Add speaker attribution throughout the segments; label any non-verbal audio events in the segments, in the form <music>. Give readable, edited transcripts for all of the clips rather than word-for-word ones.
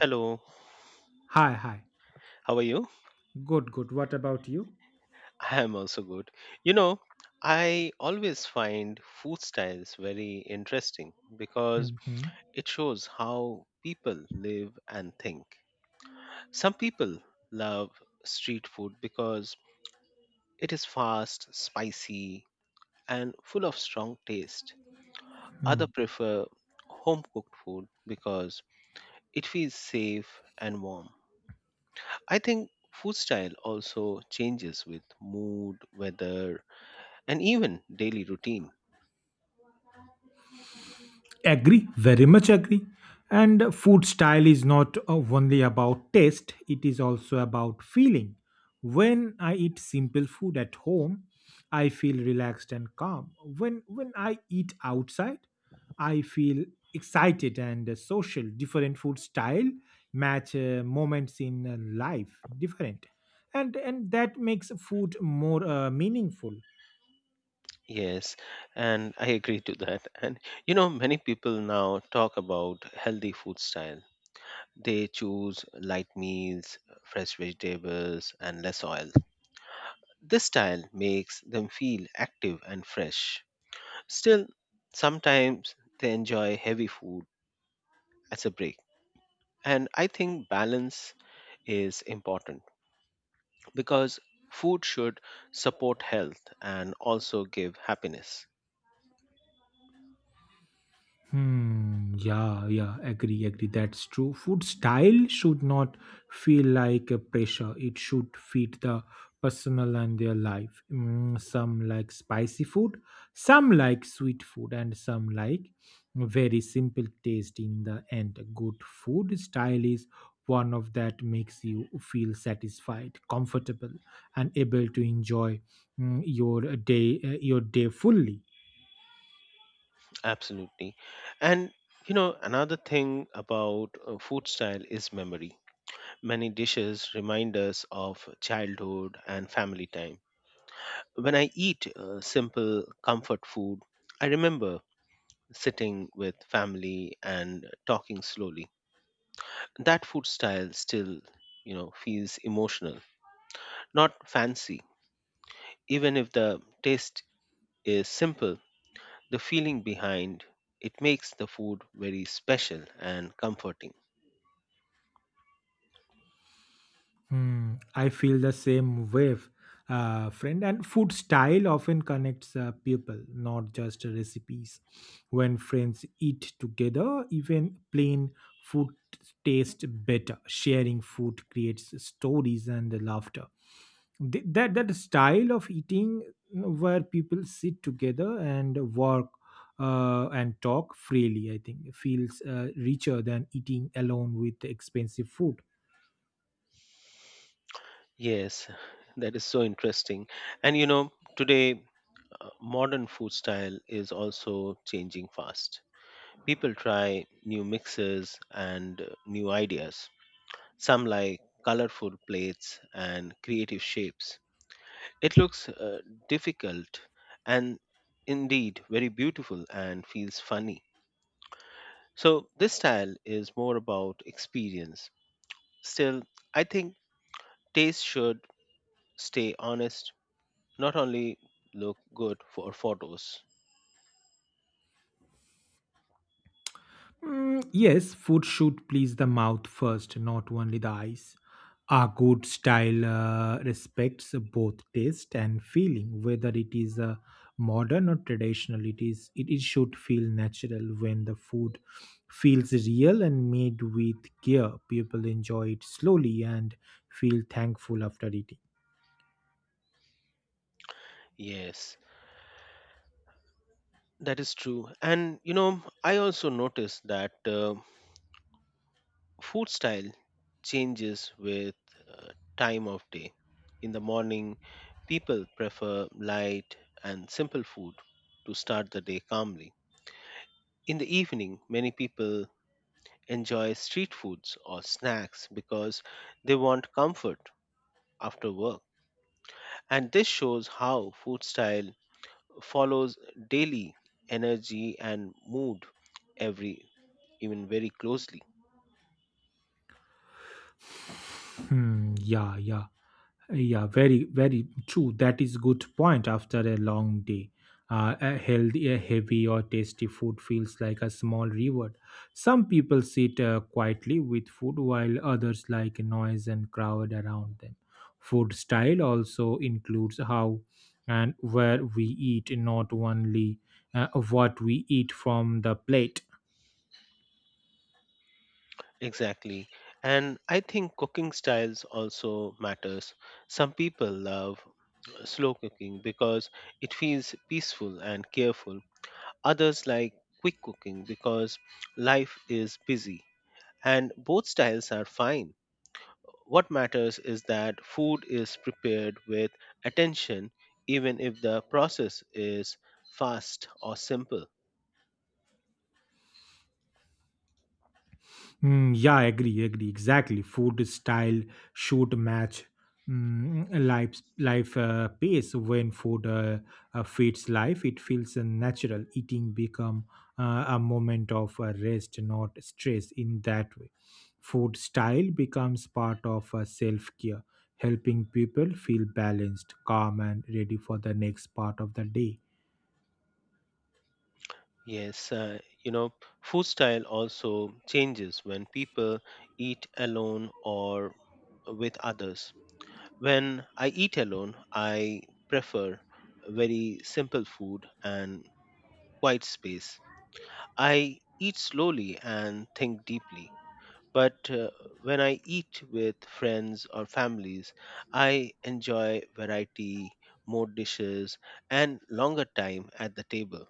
Speaker 1: Hello,
Speaker 2: Hi, hi.
Speaker 1: how are you?
Speaker 2: Good, good. What about you?
Speaker 1: I am also good. You know, I always find food styles very interesting because
Speaker 2: hmm
Speaker 1: it shows how people live and think. Some people love street food because it is fast, spicy, and full of strong taste.
Speaker 2: Hmm.
Speaker 1: Others prefer home cooked food because it feels safe and warm. I think food style also changes with mood, weather, and even daily routine.
Speaker 2: Agree, very much agree. And food style is not only about taste, it is also about feeling. When I eat simple food at home, I feel relaxed and calm. When I eat outside, I feel excited and social. Different food style match moments in life different. And that makes food more meaningful.
Speaker 1: Yes, and I agree to that. And you know, many people now talk about healthy food style. They choose light meals, fresh vegetables, and less oil. This style makes them feel active and fresh. Still, sometimes they enjoy heavy food as a break. And I think balance is important because food should support health and also give happiness.
Speaker 2: Hmm. Yeah. Yeah. Agree. Agree. That's true. Food style should not feel like a pressure. It should fit the personal and their life. Mm, some like spicy food, some like sweet food, and some like very simple taste. In the end, good food style is one of that makes you feel satisfied, comfortable, and able to enjoy your your day fully.
Speaker 1: Absolutely. And you know, another thing about food style is memory. Many dishes remind us of childhood and family time. When I eat simple comfort food, I remember sitting with family and talking slowly. That food style still, you know, feels emotional, not fancy. Even if the taste is simple, the feeling behind it makes the food very special and comforting.
Speaker 2: Hmm, I feel the same wave, friend. And food style often connects people, not just recipes. When friends eat together, even plain food tastes better. Sharing food creates stories and laughter. That style of eating, you know, where people sit together and work and talk freely, I think, feels richer than eating alone with expensive food.
Speaker 1: Yes, <laughs> that is so interesting. And you know, today modern food style is also changing fast. People try new mixes and new ideas. Some like colorful plates and creative shapes. It looks difficult and indeed very beautiful and feels funny. So, this style is more about experience. Still, I think taste should stay honest, not only look good for photos.
Speaker 2: Mm, yes, food should please the mouth first, not only the eyes. A good style respects both taste and feeling, whether it is modern or traditional. It should feel natural when the food feels real and made with care. People enjoy it slowly and feel thankful after eating.
Speaker 1: Yes, that is true. And you know, I also noticed that food style changes with uh, time of day. In the morning, people prefer light and simple food to start the day calmly. In the evening, many people enjoy street foods or snacks because they want comfort after work. And this shows how food style follows daily energy and mood every even very closely.
Speaker 2: Hmm, yeah, yeah, yeah. Very, very true. That is good point. After a long day, a heavy or tasty food feels like a small reward. Some people sit quietly with food, while others like noise and crowd around them. Food style also includes how and where we eat, not only what we eat from the plate.
Speaker 1: Exactly, and I think cooking styles also matters. Some people love slow cooking because it feels peaceful and careful. Others like quick cooking because life is busy, and both styles are fine. What matters is that food is prepared with attention, even if the process is fast or simple.
Speaker 2: Mm, yeah, agree, agree. Exactly. Food style should match life pace. When food feeds life, it feels natural. Eating become a moment of rest, not stress. In that way, food style becomes part of self care, helping people feel balanced, calm, and ready for the next part of the day.
Speaker 1: Yes, you know, food style also changes when people eat alone or with others. When I eat alone, I prefer very simple food and quiet space. I eat slowly and think deeply. But when I eat with friends or families, I enjoy variety, more dishes, and longer time at the table.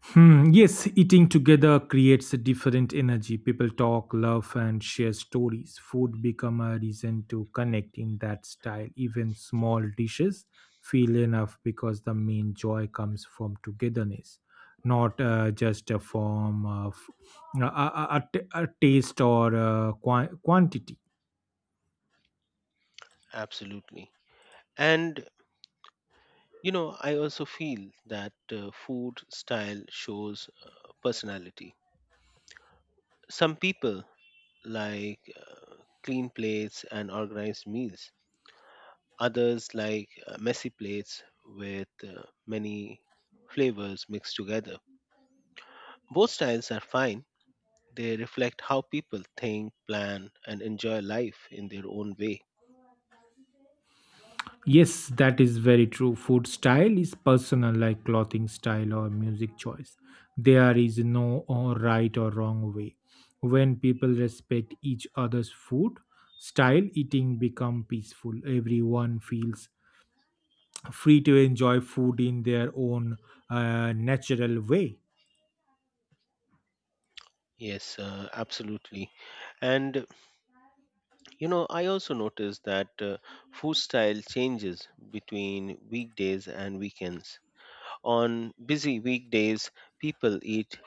Speaker 2: Hmm, yes, eating together creates a different energy. People talk, love, and share stories. Food become a reason to connect in that style. Even small dishes feel enough because the main joy comes from togetherness, not just a form of uh, a a a a taste or quantity.
Speaker 1: Absolutely. And you know, I also feel that food style shows personality. Some people like clean plates and organized meals, others like messy plates with many flavors mixed together. Both styles are fine, they reflect how people think, plan, and enjoy life in their own way.
Speaker 2: Yes, that is very true. Food style is personal, like clothing style or music choice. There is no or right or wrong way. When people respect each other's food style, eating become peaceful. Everyone feels free to enjoy food in their own natural way.
Speaker 1: Yes, absolutely. And you know, I also noticed that food style changes between weekdays and weekends. On busy weekdays, people eat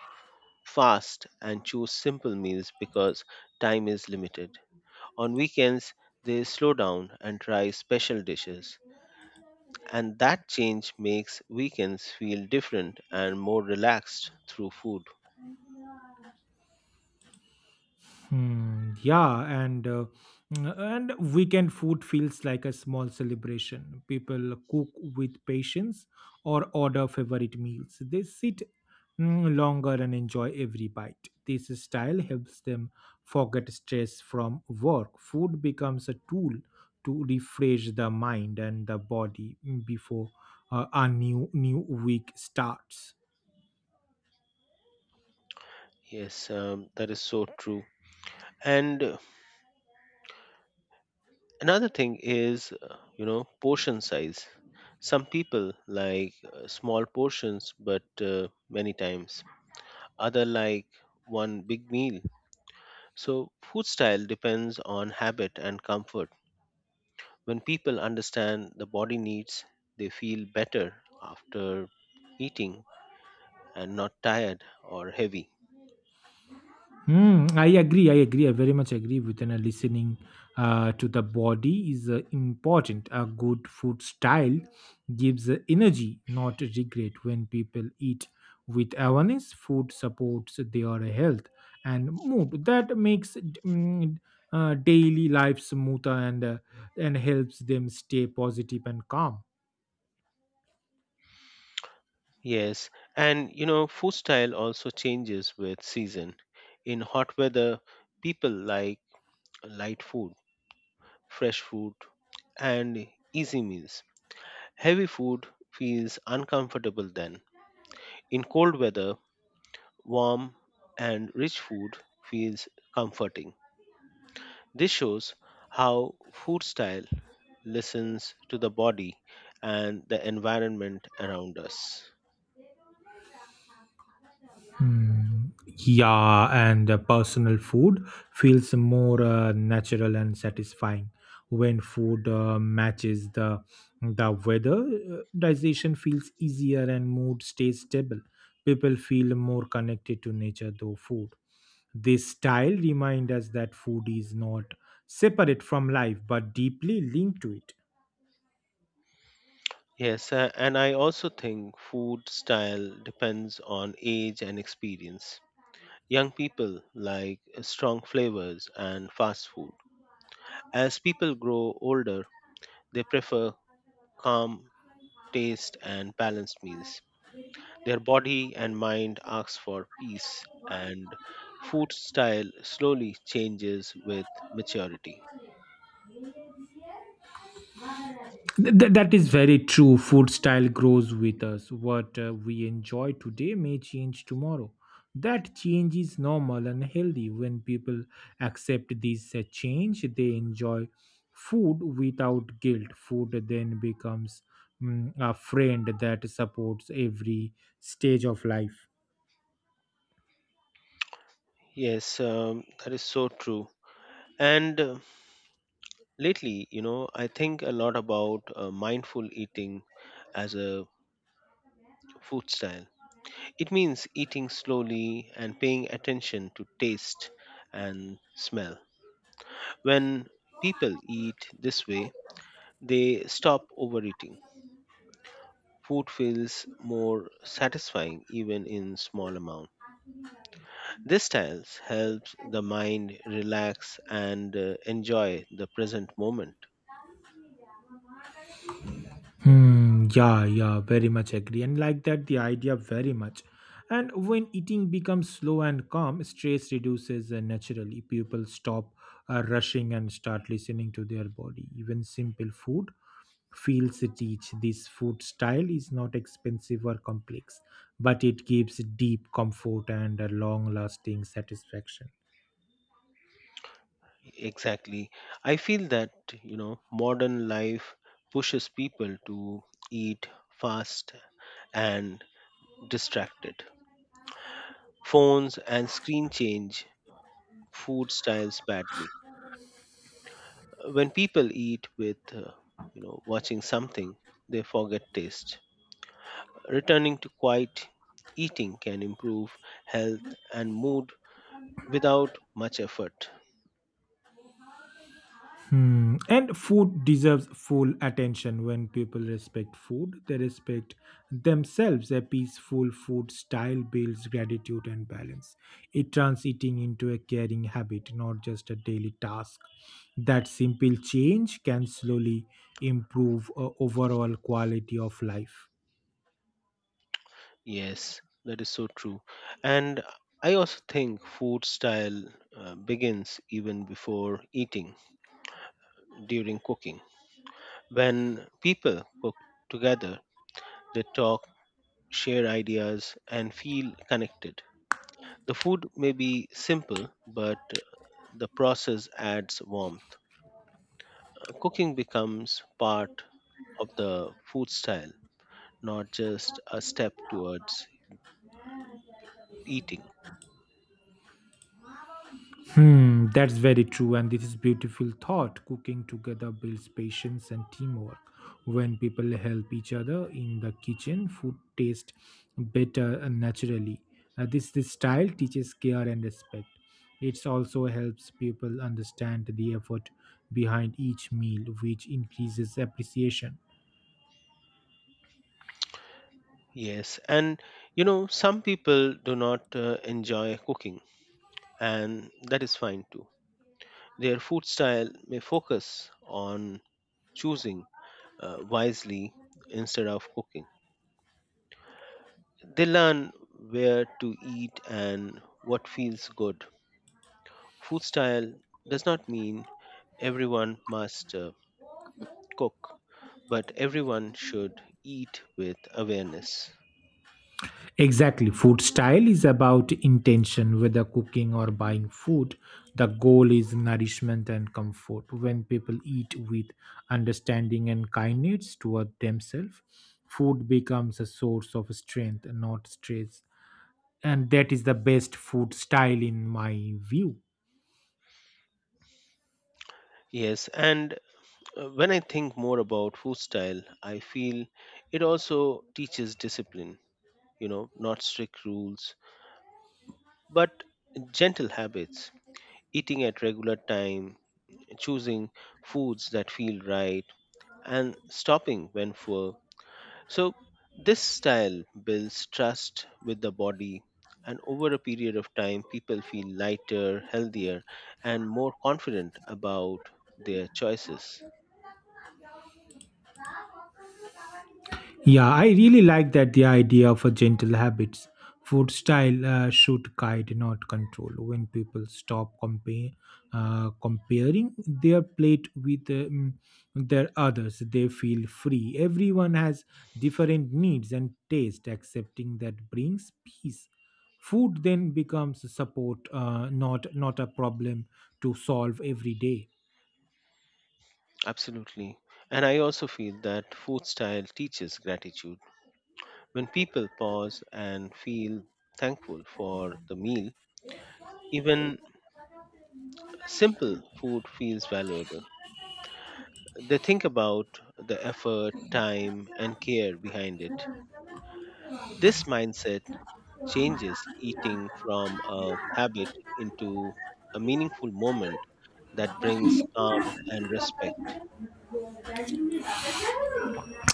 Speaker 1: fast and choose simple meals because time is limited. On weekends, they slow down and try special dishes. And that change makes weekends feel different and more relaxed through food.
Speaker 2: Hmm, yeah, and and weekend food feels like a small celebration. People cook with patience or order favorite meals. They sit longer and enjoy every bite. This style helps them forget stress from work. Food becomes a tool to refresh the mind and the body before a new week starts.
Speaker 1: Yes, that is so true. And another thing is, you know, portion size. Some people like small portions, but many times other like one big meal. So food style depends on habit and comfort. When people understand the body needs, they feel better after eating and not tired or heavy.
Speaker 2: Mm, I agree. I agree. I very much agree with and listening to the body is important. A good food style gives energy, not regret. When people eat with awareness, food supports their health and mood. That makes daily life smoother and helps them stay positive and calm.
Speaker 1: Yes, and you know, food style also changes with season. In hot weather people like light food, fresh fruit, and easy meals. Heavy food feels uncomfortable then. In cold weather, warm and rich food feels comforting. This shows how food style listens to the body and the environment around us.
Speaker 2: Hmm, yeah, and personal food feels more natural and satisfying when food matches the weather. Digestion feels easier and mood stays stable. People feel more connected to nature through food. This style reminds us that food is not separate from life but deeply linked to it.
Speaker 1: Yes, and I also think food style depends on age and experience. Young people like strong flavors and fast food. As people grow older, they prefer calm, taste, and balanced meals. Their body and mind asks for peace, and food style slowly changes with maturity.
Speaker 2: That is very true. Food style grows with us. What we enjoy today may change tomorrow. That change is normal and healthy. When people accept this change, they enjoy food without guilt. Food then becomes a friend that supports every stage of life.
Speaker 1: Yes, that is so true. And lately, you know, I think a lot about mindful eating as a food style. It means eating slowly and paying attention to taste and smell. When people eat this way, they stop overeating. Food feels more satisfying even in small amount. This style helps the mind relax and enjoy the present moment.
Speaker 2: Hmm, yeah, yeah, very much agree. And like that, the idea very much. And when eating becomes slow and calm, stress reduces naturally. People stop rushing and start listening to their body. Even simple food feels rich. This food style is not expensive or complex, but it gives deep comfort and a long lasting satisfaction.
Speaker 1: Exactly. I feel that, you know, modern life pushes people to eat fast and distracted. Phones and screen change food styles badly. When people eat with, you know, watching something, they forget taste. Returning to quiet eating can improve health and mood without much effort.
Speaker 2: Hmm. And food deserves full attention. When people respect food, they respect themselves. A peaceful food style builds gratitude and balance. It turns eating into a caring habit, not just a daily task. That simple change can slowly improve overall quality of life.
Speaker 1: Yes, that is so true. And I also think food style begins even before eating, during cooking. When people cook together, they talk, share ideas, and feel connected. The food may be simple, but the process adds warmth. Cooking becomes part of the food style, not just a step towards eating.
Speaker 2: Hmm, that's very true, and this is beautiful thought. Cooking together builds patience and teamwork. When people help each other in the kitchen, food tastes better and naturally. This style teaches care and respect. It also helps people understand the effort behind each meal, which increases appreciation.
Speaker 1: Yes, and you know, some people do not enjoy cooking, and that is fine too. Their food style may focus on choosing wisely instead of cooking. They learn where to eat and what feels good. Food style does not mean everyone must cook, but everyone should eat with awareness.
Speaker 2: Exactly. Food style is about intention, whether cooking or buying food. The goal is nourishment and comfort. When people eat with understanding and kindness toward themselves, food becomes a source of strength, not stress. And that is the best food style, in my view.
Speaker 1: Yes, and when I think more about food style, I feel it also teaches discipline, you know, not strict rules, but gentle habits, eating at regular time, choosing foods that feel right, and stopping when full. So, this style builds trust with the body, and over a period of time, people feel lighter, healthier, and more confident about their choices.
Speaker 2: Yeah, I really like that the idea of a gentle habits. Food style should guide, not control. When people stop comparing their plate with their others, they feel free. Everyone has different needs and taste. Accepting that brings peace. Food then becomes support, not a problem to solve every day.
Speaker 1: Absolutely. And I also feel that food style teaches gratitude. When people pause and feel thankful for the meal, even simple food feels valuable. They think about the effort, time, and care behind it. This mindset changes eating from a habit into a meaningful moment that brings calm and respect.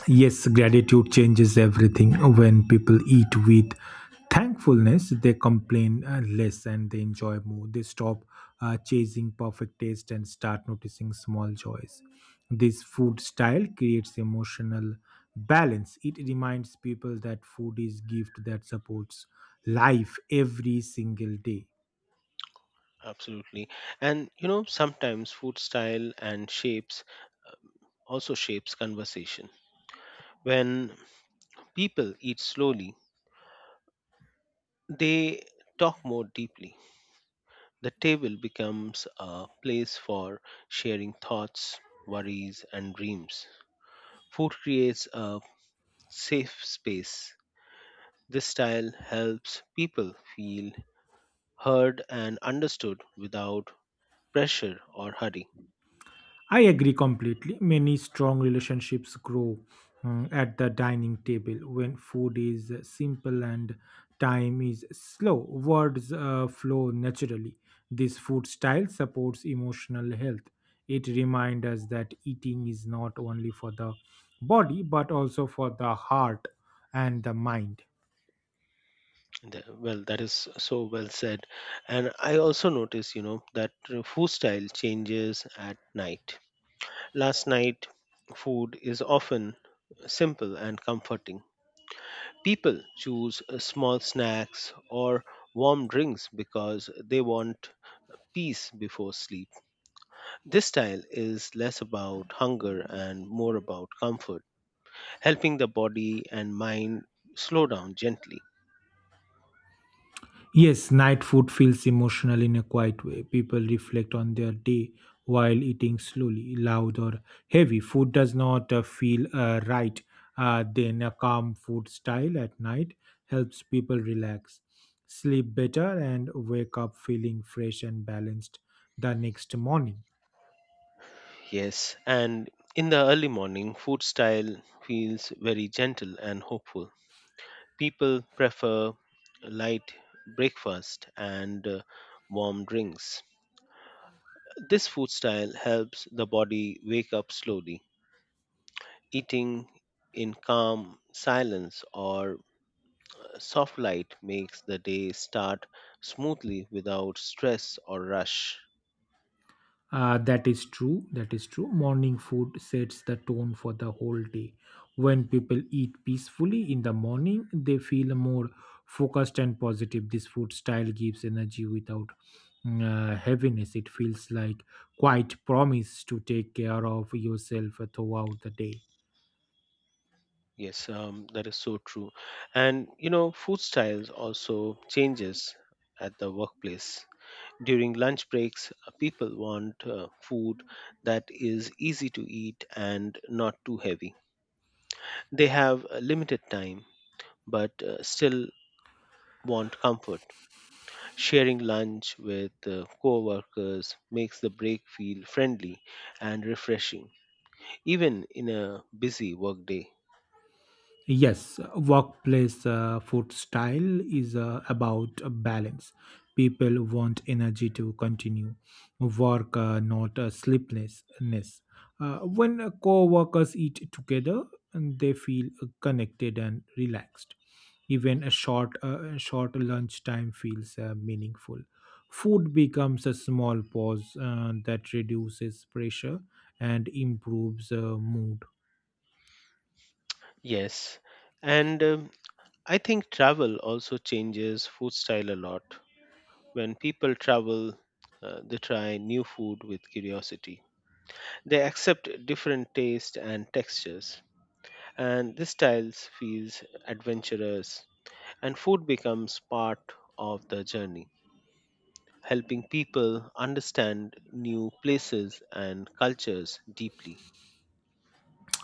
Speaker 2: Yes, gratitude changes everything. When people eat with thankfulness, they complain less and they enjoy more. They stop chasing perfect taste and start noticing small joys. This food style creates emotional balance. It reminds people that food is gift that supports life every single day.
Speaker 1: Absolutely. And you know, sometimes food style and shapes also shapes conversation. When people eat slowly, they talk more deeply. The table becomes a place for sharing thoughts, worries, and dreams. Food creates a safe space. This style helps people feel heard and understood without pressure or hurry.
Speaker 2: I agree completely. Many strong relationships grow at the dining table when food is simple and time is slow. Words flow naturally. This food style supports emotional health. It reminds us that eating is not only for the body but also for the heart and the mind.
Speaker 1: Well, that is so well said. And I also notice, you know, that food style changes at night. Last night food is often simple and comforting. People choose small snacks or warm drinks because they want peace before sleep. This style is less about hunger and more about comfort, helping the body and mind slow down gently.
Speaker 2: Yes, night food feels emotional in a quiet way. People reflect on their day while eating slowly, loud, or heavy. Food does not feel right. Then, a calm food style at night helps people relax, sleep better, and wake up feeling fresh and balanced the next morning.
Speaker 1: Yes, and in the early morning, food style feels very gentle and hopeful. People prefer light breakfast and warm drinks. This food style helps the body wake up slowly. Eating in calm silence or soft light makes the day start smoothly without stress or rush.
Speaker 2: That is true. That is true. Morning food sets the tone for the whole day. When people eat peacefully in the morning, they feel more focused and positive. This food style gives energy without heaviness. It feels like quite promise to take care of yourself throughout the day.
Speaker 1: Yes, that is so true. And you know, food styles also changes at the workplace. During lunch breaks, people want food that is easy to eat and not too heavy. They have limited time but still want comfort. Sharing lunch with co-workers makes the break feel friendly and refreshing even in a busy workday.
Speaker 2: Yes, workplace food style is about a balance. People want energy to continue work, not sleeplessness. When co-workers eat together, and they feel connected and relaxed. Even a short lunch time feels meaningful. Food becomes a small pause that reduces pressure and improves mood.
Speaker 1: Yes, and I think travel also changes food style a lot. When people travel, they try new food with curiosity. They accept different tastes and textures, and this style feels adventurous, and food becomes part of the journey, helping people understand new places and cultures deeply.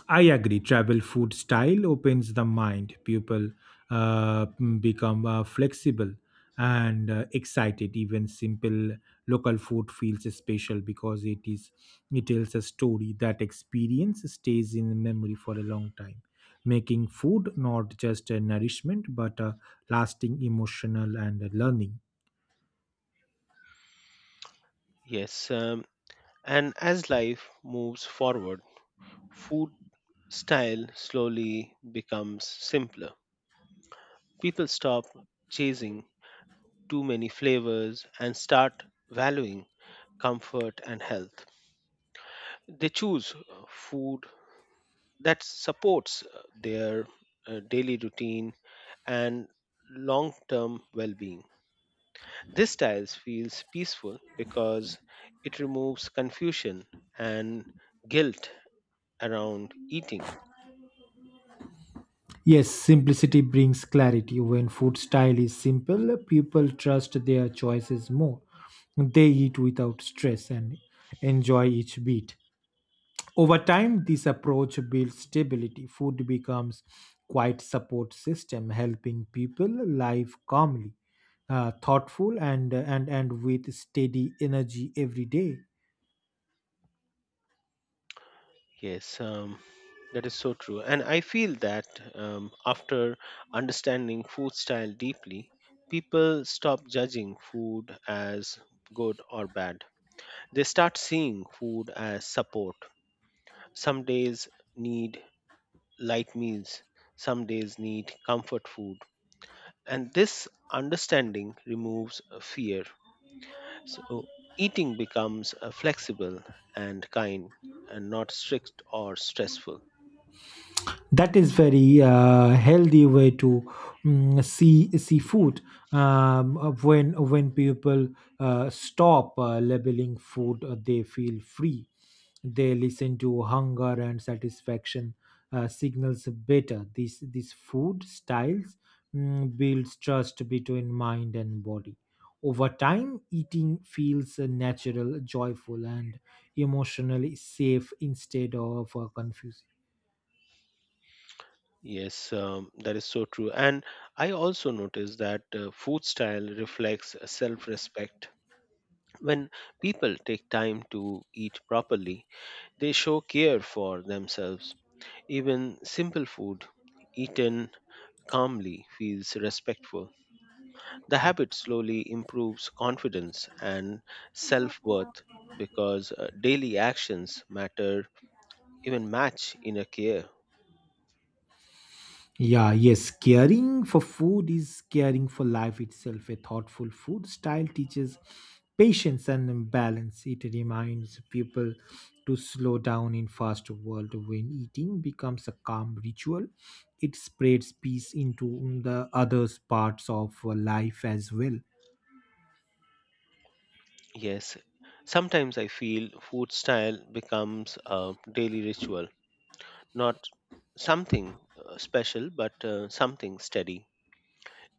Speaker 2: I agree. Travel food style opens the mind. People become flexible and excited. Even simple local food feels special because it tells a story. That experience stays in memory for a long time, making food not just a nourishment but a lasting emotional and a learning.
Speaker 1: Yes, and as life moves forward, food style slowly becomes simpler. People stop chasing too many flavors and start valuing comfort and health. They choose food that supports their daily routine and long term well being. This style feels peaceful because it removes confusion and guilt around eating.
Speaker 2: Yes, simplicity brings clarity. When food style is simple, people trust their choices more. They eat without stress and enjoy each bit. Over time, this approach builds stability. Food becomes quite support system, helping people live calmly, thoughtful, and with steady energy every day.
Speaker 1: Yes, that is so true. And I feel that after understanding food style deeply, people stop judging food as good or bad. They start seeing food as support. Some days need light meals, some days need comfort food. And this understanding removes fear. So eating becomes flexible and kind and not strict or stressful.
Speaker 2: That is very healthy way to see food when people stop labeling food, they feel free. They listen to hunger and satisfaction signals better. These food styles builds trust between mind and body. Over time, eating feels natural, joyful, and emotionally safe instead of confusing.
Speaker 1: Yes, that is so true. And I also notice that food style reflects self respect. When people take time to eat properly, they show care for themselves. Even simple food eaten calmly feels respectful. The habit slowly improves confidence and self worth because daily actions matter, even match inner care.
Speaker 2: Yeah, yes, caring for food is caring for life itself. A thoughtful food style teaches patience and balance. It reminds people to slow down in fast world when eating becomes a calm ritual. It spreads peace into the other parts of life as well.
Speaker 1: Yes, sometimes I feel food style becomes a daily ritual, not something special, but something steady.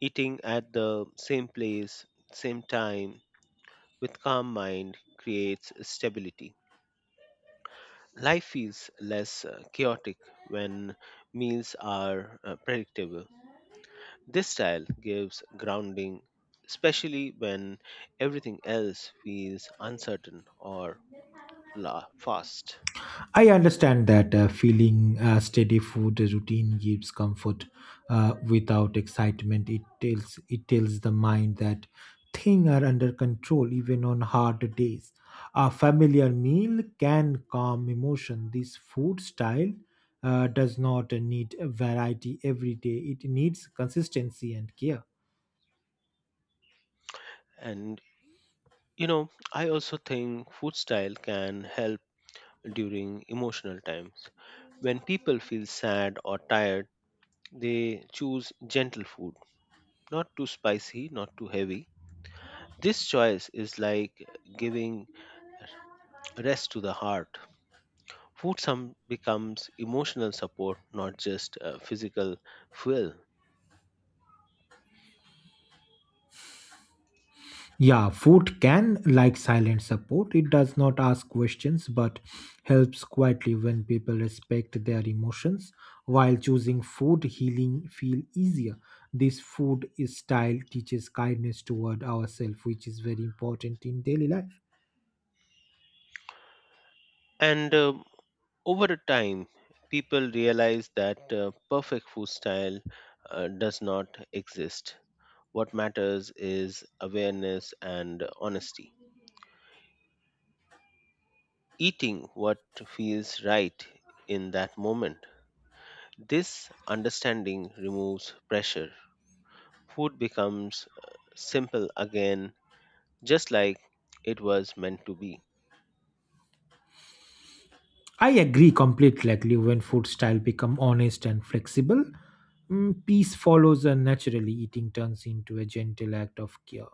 Speaker 1: Eating at the same place, same time, with calm mind creates stability. Life feels less chaotic when meals are predictable. This style gives grounding, especially when everything else feels uncertain or fast.
Speaker 2: I understand that feeling a steady food routine gives comfort without excitement. It tells the mind that things are under control even on hard days. A familiar meal can calm emotion. This food style does not need variety every day. It needs consistency and care.
Speaker 1: And you know, I also think food style can help during emotional times. When people feel sad or tired, they choose gentle food, not too spicy, not too heavy. This choice is like giving rest to the heart. Food some becomes emotional support, not just physical fuel.
Speaker 2: Yeah, food can, like silent support, it does not ask questions but helps quietly when people respect their emotions. While choosing food, healing feel easier. This food is style teaches kindness toward ourselves, which is very important in daily life.
Speaker 1: And over the time, people realize that perfect food style does not exist. What matters is awareness and honesty, eating what feels right in that moment. This understanding removes pressure. Food becomes simple again, just like it was meant to be.
Speaker 2: I agree completely. Like when food style become honest and flexible, peace follows and naturally eating turns into a gentle act of care.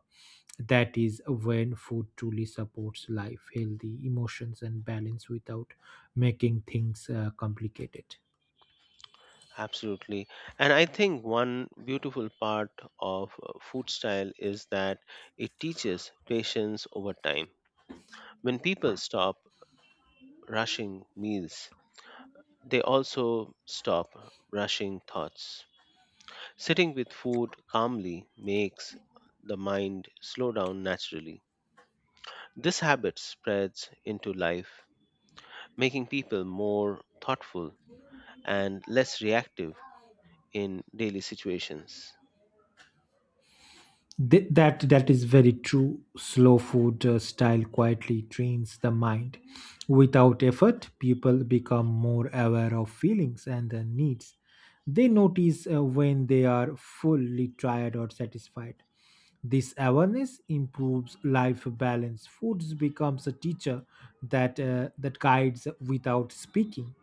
Speaker 2: That is when food truly supports life, healthy emotions, and balance without making things complicated.
Speaker 1: Absolutely. And I think one beautiful part of food style is that it teaches patience over time. When people stop rushing meals, they also stop rushing thoughts. Sitting with food calmly makes the mind slow down naturally. This habit spreads into life, making people more thoughtful and less reactive in daily situations.
Speaker 2: That is very true. Slow food style quietly trains the mind. Without effort, people become more aware of feelings and their needs. They notice when they are fully tired or satisfied. This awareness improves life balance. Foods becomes a teacher that guides without speaking.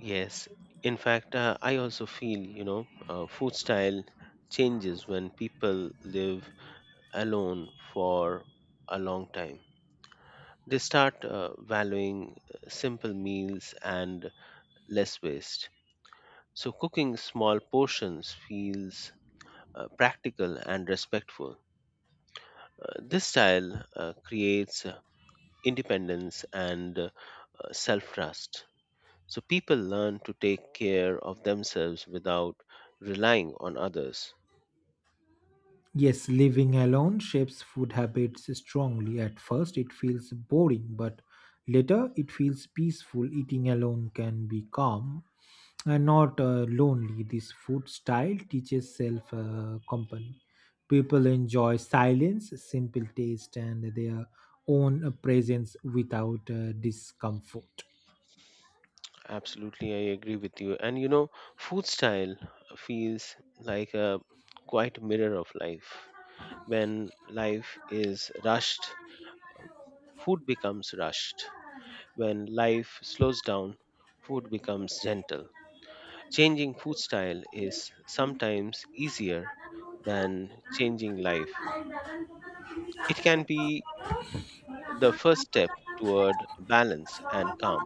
Speaker 1: Yes, in fact, I also feel food style changes when people live alone for a long time. They start valuing simple meals and less waste. So cooking small portions feels practical and respectful. This style creates independence and self trust. So people learn to take care of themselves without relying on others.
Speaker 2: Yes, living alone shapes food habits strongly. At first, it feels boring, but later, it feels peaceful. Eating alone can be calm and not lonely. This food style teaches self company. People enjoy silence, simple taste, and their own presence without discomfort.
Speaker 1: Absolutely, I agree with you. And you know, food style feels like a quite mirror of life. When life is rushed, food becomes rushed. When life slows down, food becomes gentle. Changing food style is sometimes easier than changing life. It can be the first step toward balance and calm.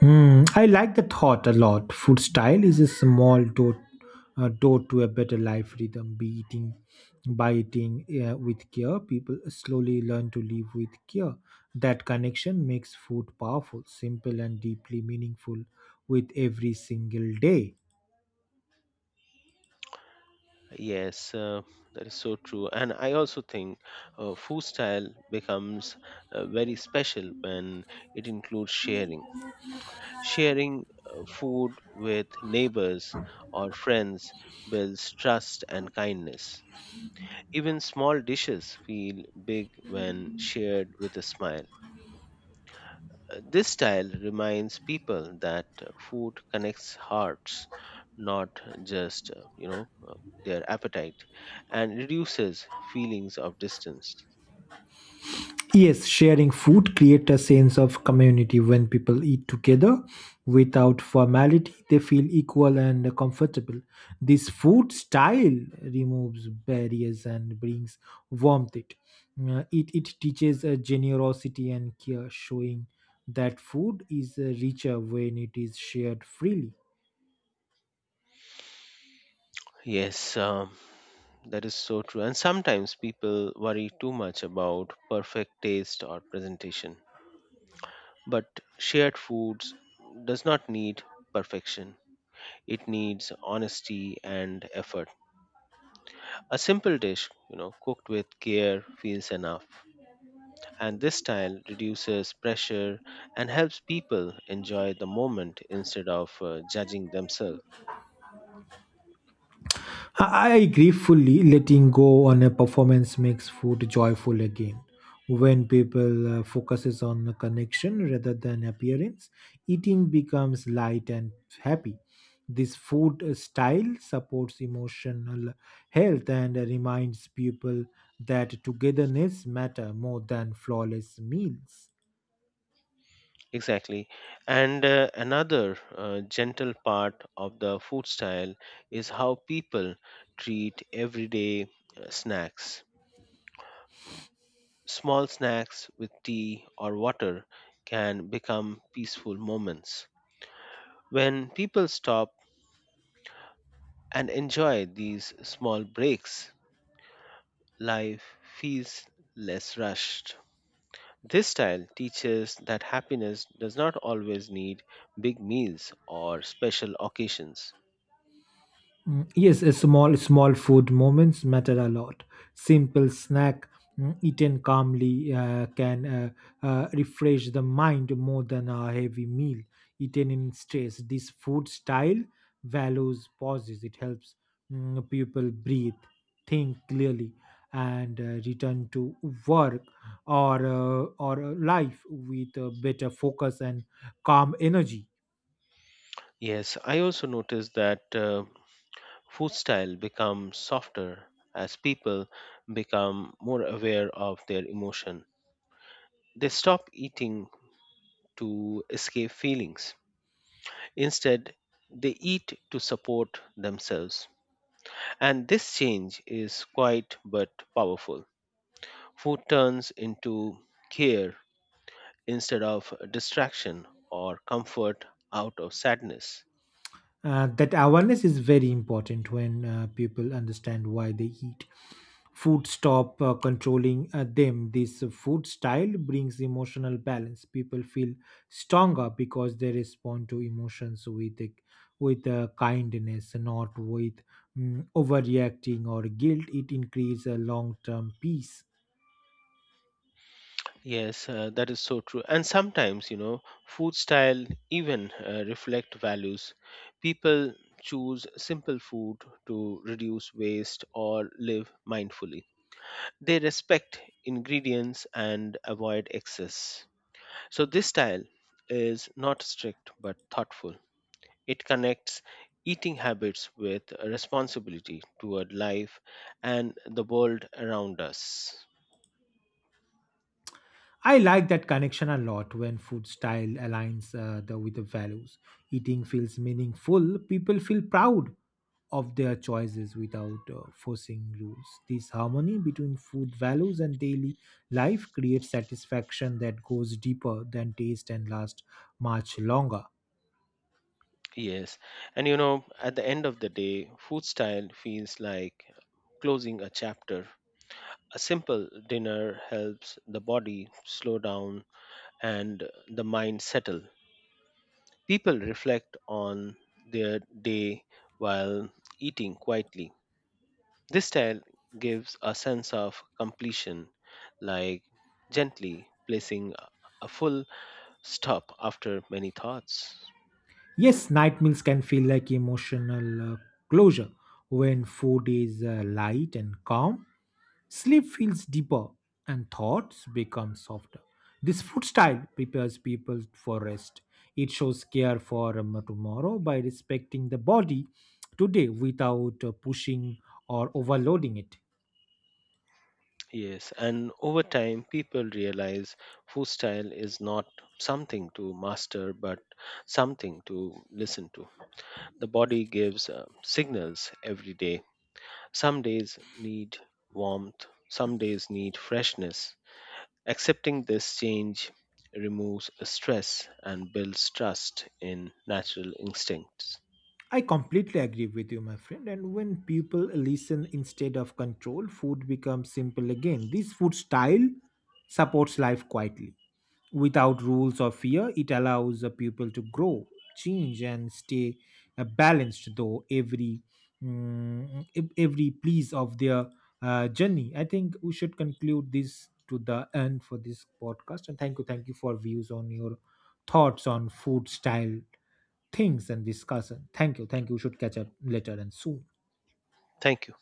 Speaker 2: Hmm, I like the thought a lot. Food style is a small door, door to a better life rhythm. By eating with care, people slowly learn to live with care. That connection makes food powerful, simple, and deeply meaningful with every single day.
Speaker 1: Yes, that is so true. And I also think food style becomes very special when it includes sharing. Sharing food with neighbors or friends builds trust and kindness. Even small dishes feel big when shared with a smile. This style reminds people that food connects hearts, not just, their appetite, and reduces feelings of distance.
Speaker 2: Yes, sharing food creates a sense of community. When people eat together without formality, they feel equal and comfortable. This food style removes barriers and brings warmth. It teaches generosity and care, showing that food is richer when it is shared freely.
Speaker 1: Yes, that is so true. And sometimes people worry too much about perfect taste or presentation. But shared foods does not need perfection. It needs honesty and effort. A simple dish, you know, cooked with care feels enough. And this style reduces pressure and helps people enjoy the moment instead of judging themselves.
Speaker 2: I agree fully. Letting go on a performance makes food joyful again. When people focuses on the connection rather than appearance, eating becomes light and happy. This food style supports emotional health and reminds people that togetherness matter more than flawless meals.
Speaker 1: Exactly. And another gentle part of the food style is how people treat everyday snacks. Small snacks with tea or water can become peaceful moments. When people stop and enjoy these small breaks, life feels less rushed. This style teaches that happiness does not always need big meals or special occasions.
Speaker 2: Mm, yes, a small, small food moments matter a lot. Simple snack eaten calmly can refresh the mind more than a heavy meal eaten in stress. This food style values pauses. It helps people breathe, think clearly, and return to work or life with a better focus and calm energy.
Speaker 1: Yes, I also noticed that food style becomes softer as people become more aware of their emotion. They stop eating to escape feelings. Instead, they eat to support themselves. And this change is quite but powerful. Food turns into care instead of distraction or comfort out of sadness.
Speaker 2: That awareness is very important when people understand why they eat food stop controlling them. This food style brings emotional balance. People feel stronger because they respond to emotions with kindness, not with overreacting or guilt. It increases long term peace.
Speaker 1: Yes, that is so true. And sometimes, you know, food style even reflect values. People choose simple food to reduce waste or live mindfully. They respect ingredients and avoid excess. So this style is not strict but thoughtful. It connects eating habits with responsibility toward life and the world around us.
Speaker 2: I like that connection a lot. When food style aligns with the values, eating feels meaningful. People feel proud of their choices without forcing rules. This harmony between food values and daily life creates satisfaction that goes deeper than taste and lasts much longer.
Speaker 1: Yes, and you know, at the end of the day, food style feels like closing a chapter. A simple dinner helps the body slow down and the mind settle. People reflect on their day while eating quietly. This style gives a sense of completion, like gently placing a full stop after many thoughts.
Speaker 2: Yes, night meals can feel like emotional closure. When food is light and calm, sleep feels deeper and thoughts become softer. This food style prepares people for rest. It shows care for tomorrow by respecting the body today without pushing or overloading it.
Speaker 1: Yes, and over time, people realize food style is not something to master, but something to listen to. The body gives signals every day. Some days need warmth, some days need freshness. Accepting this change removes stress and builds trust in natural instincts.
Speaker 2: I completely agree with you, my friend. And when people listen instead of control, food becomes simple again. This food style supports life quietly. Without rules or fear, it allows a people to grow, change, and stay balanced. Though every every piece of their journey, I think we should conclude this to the end for this podcast. And thank you for views on your thoughts on food style things and discuss. Thank you. Thank you. We should catch up later and soon.
Speaker 1: Thank you.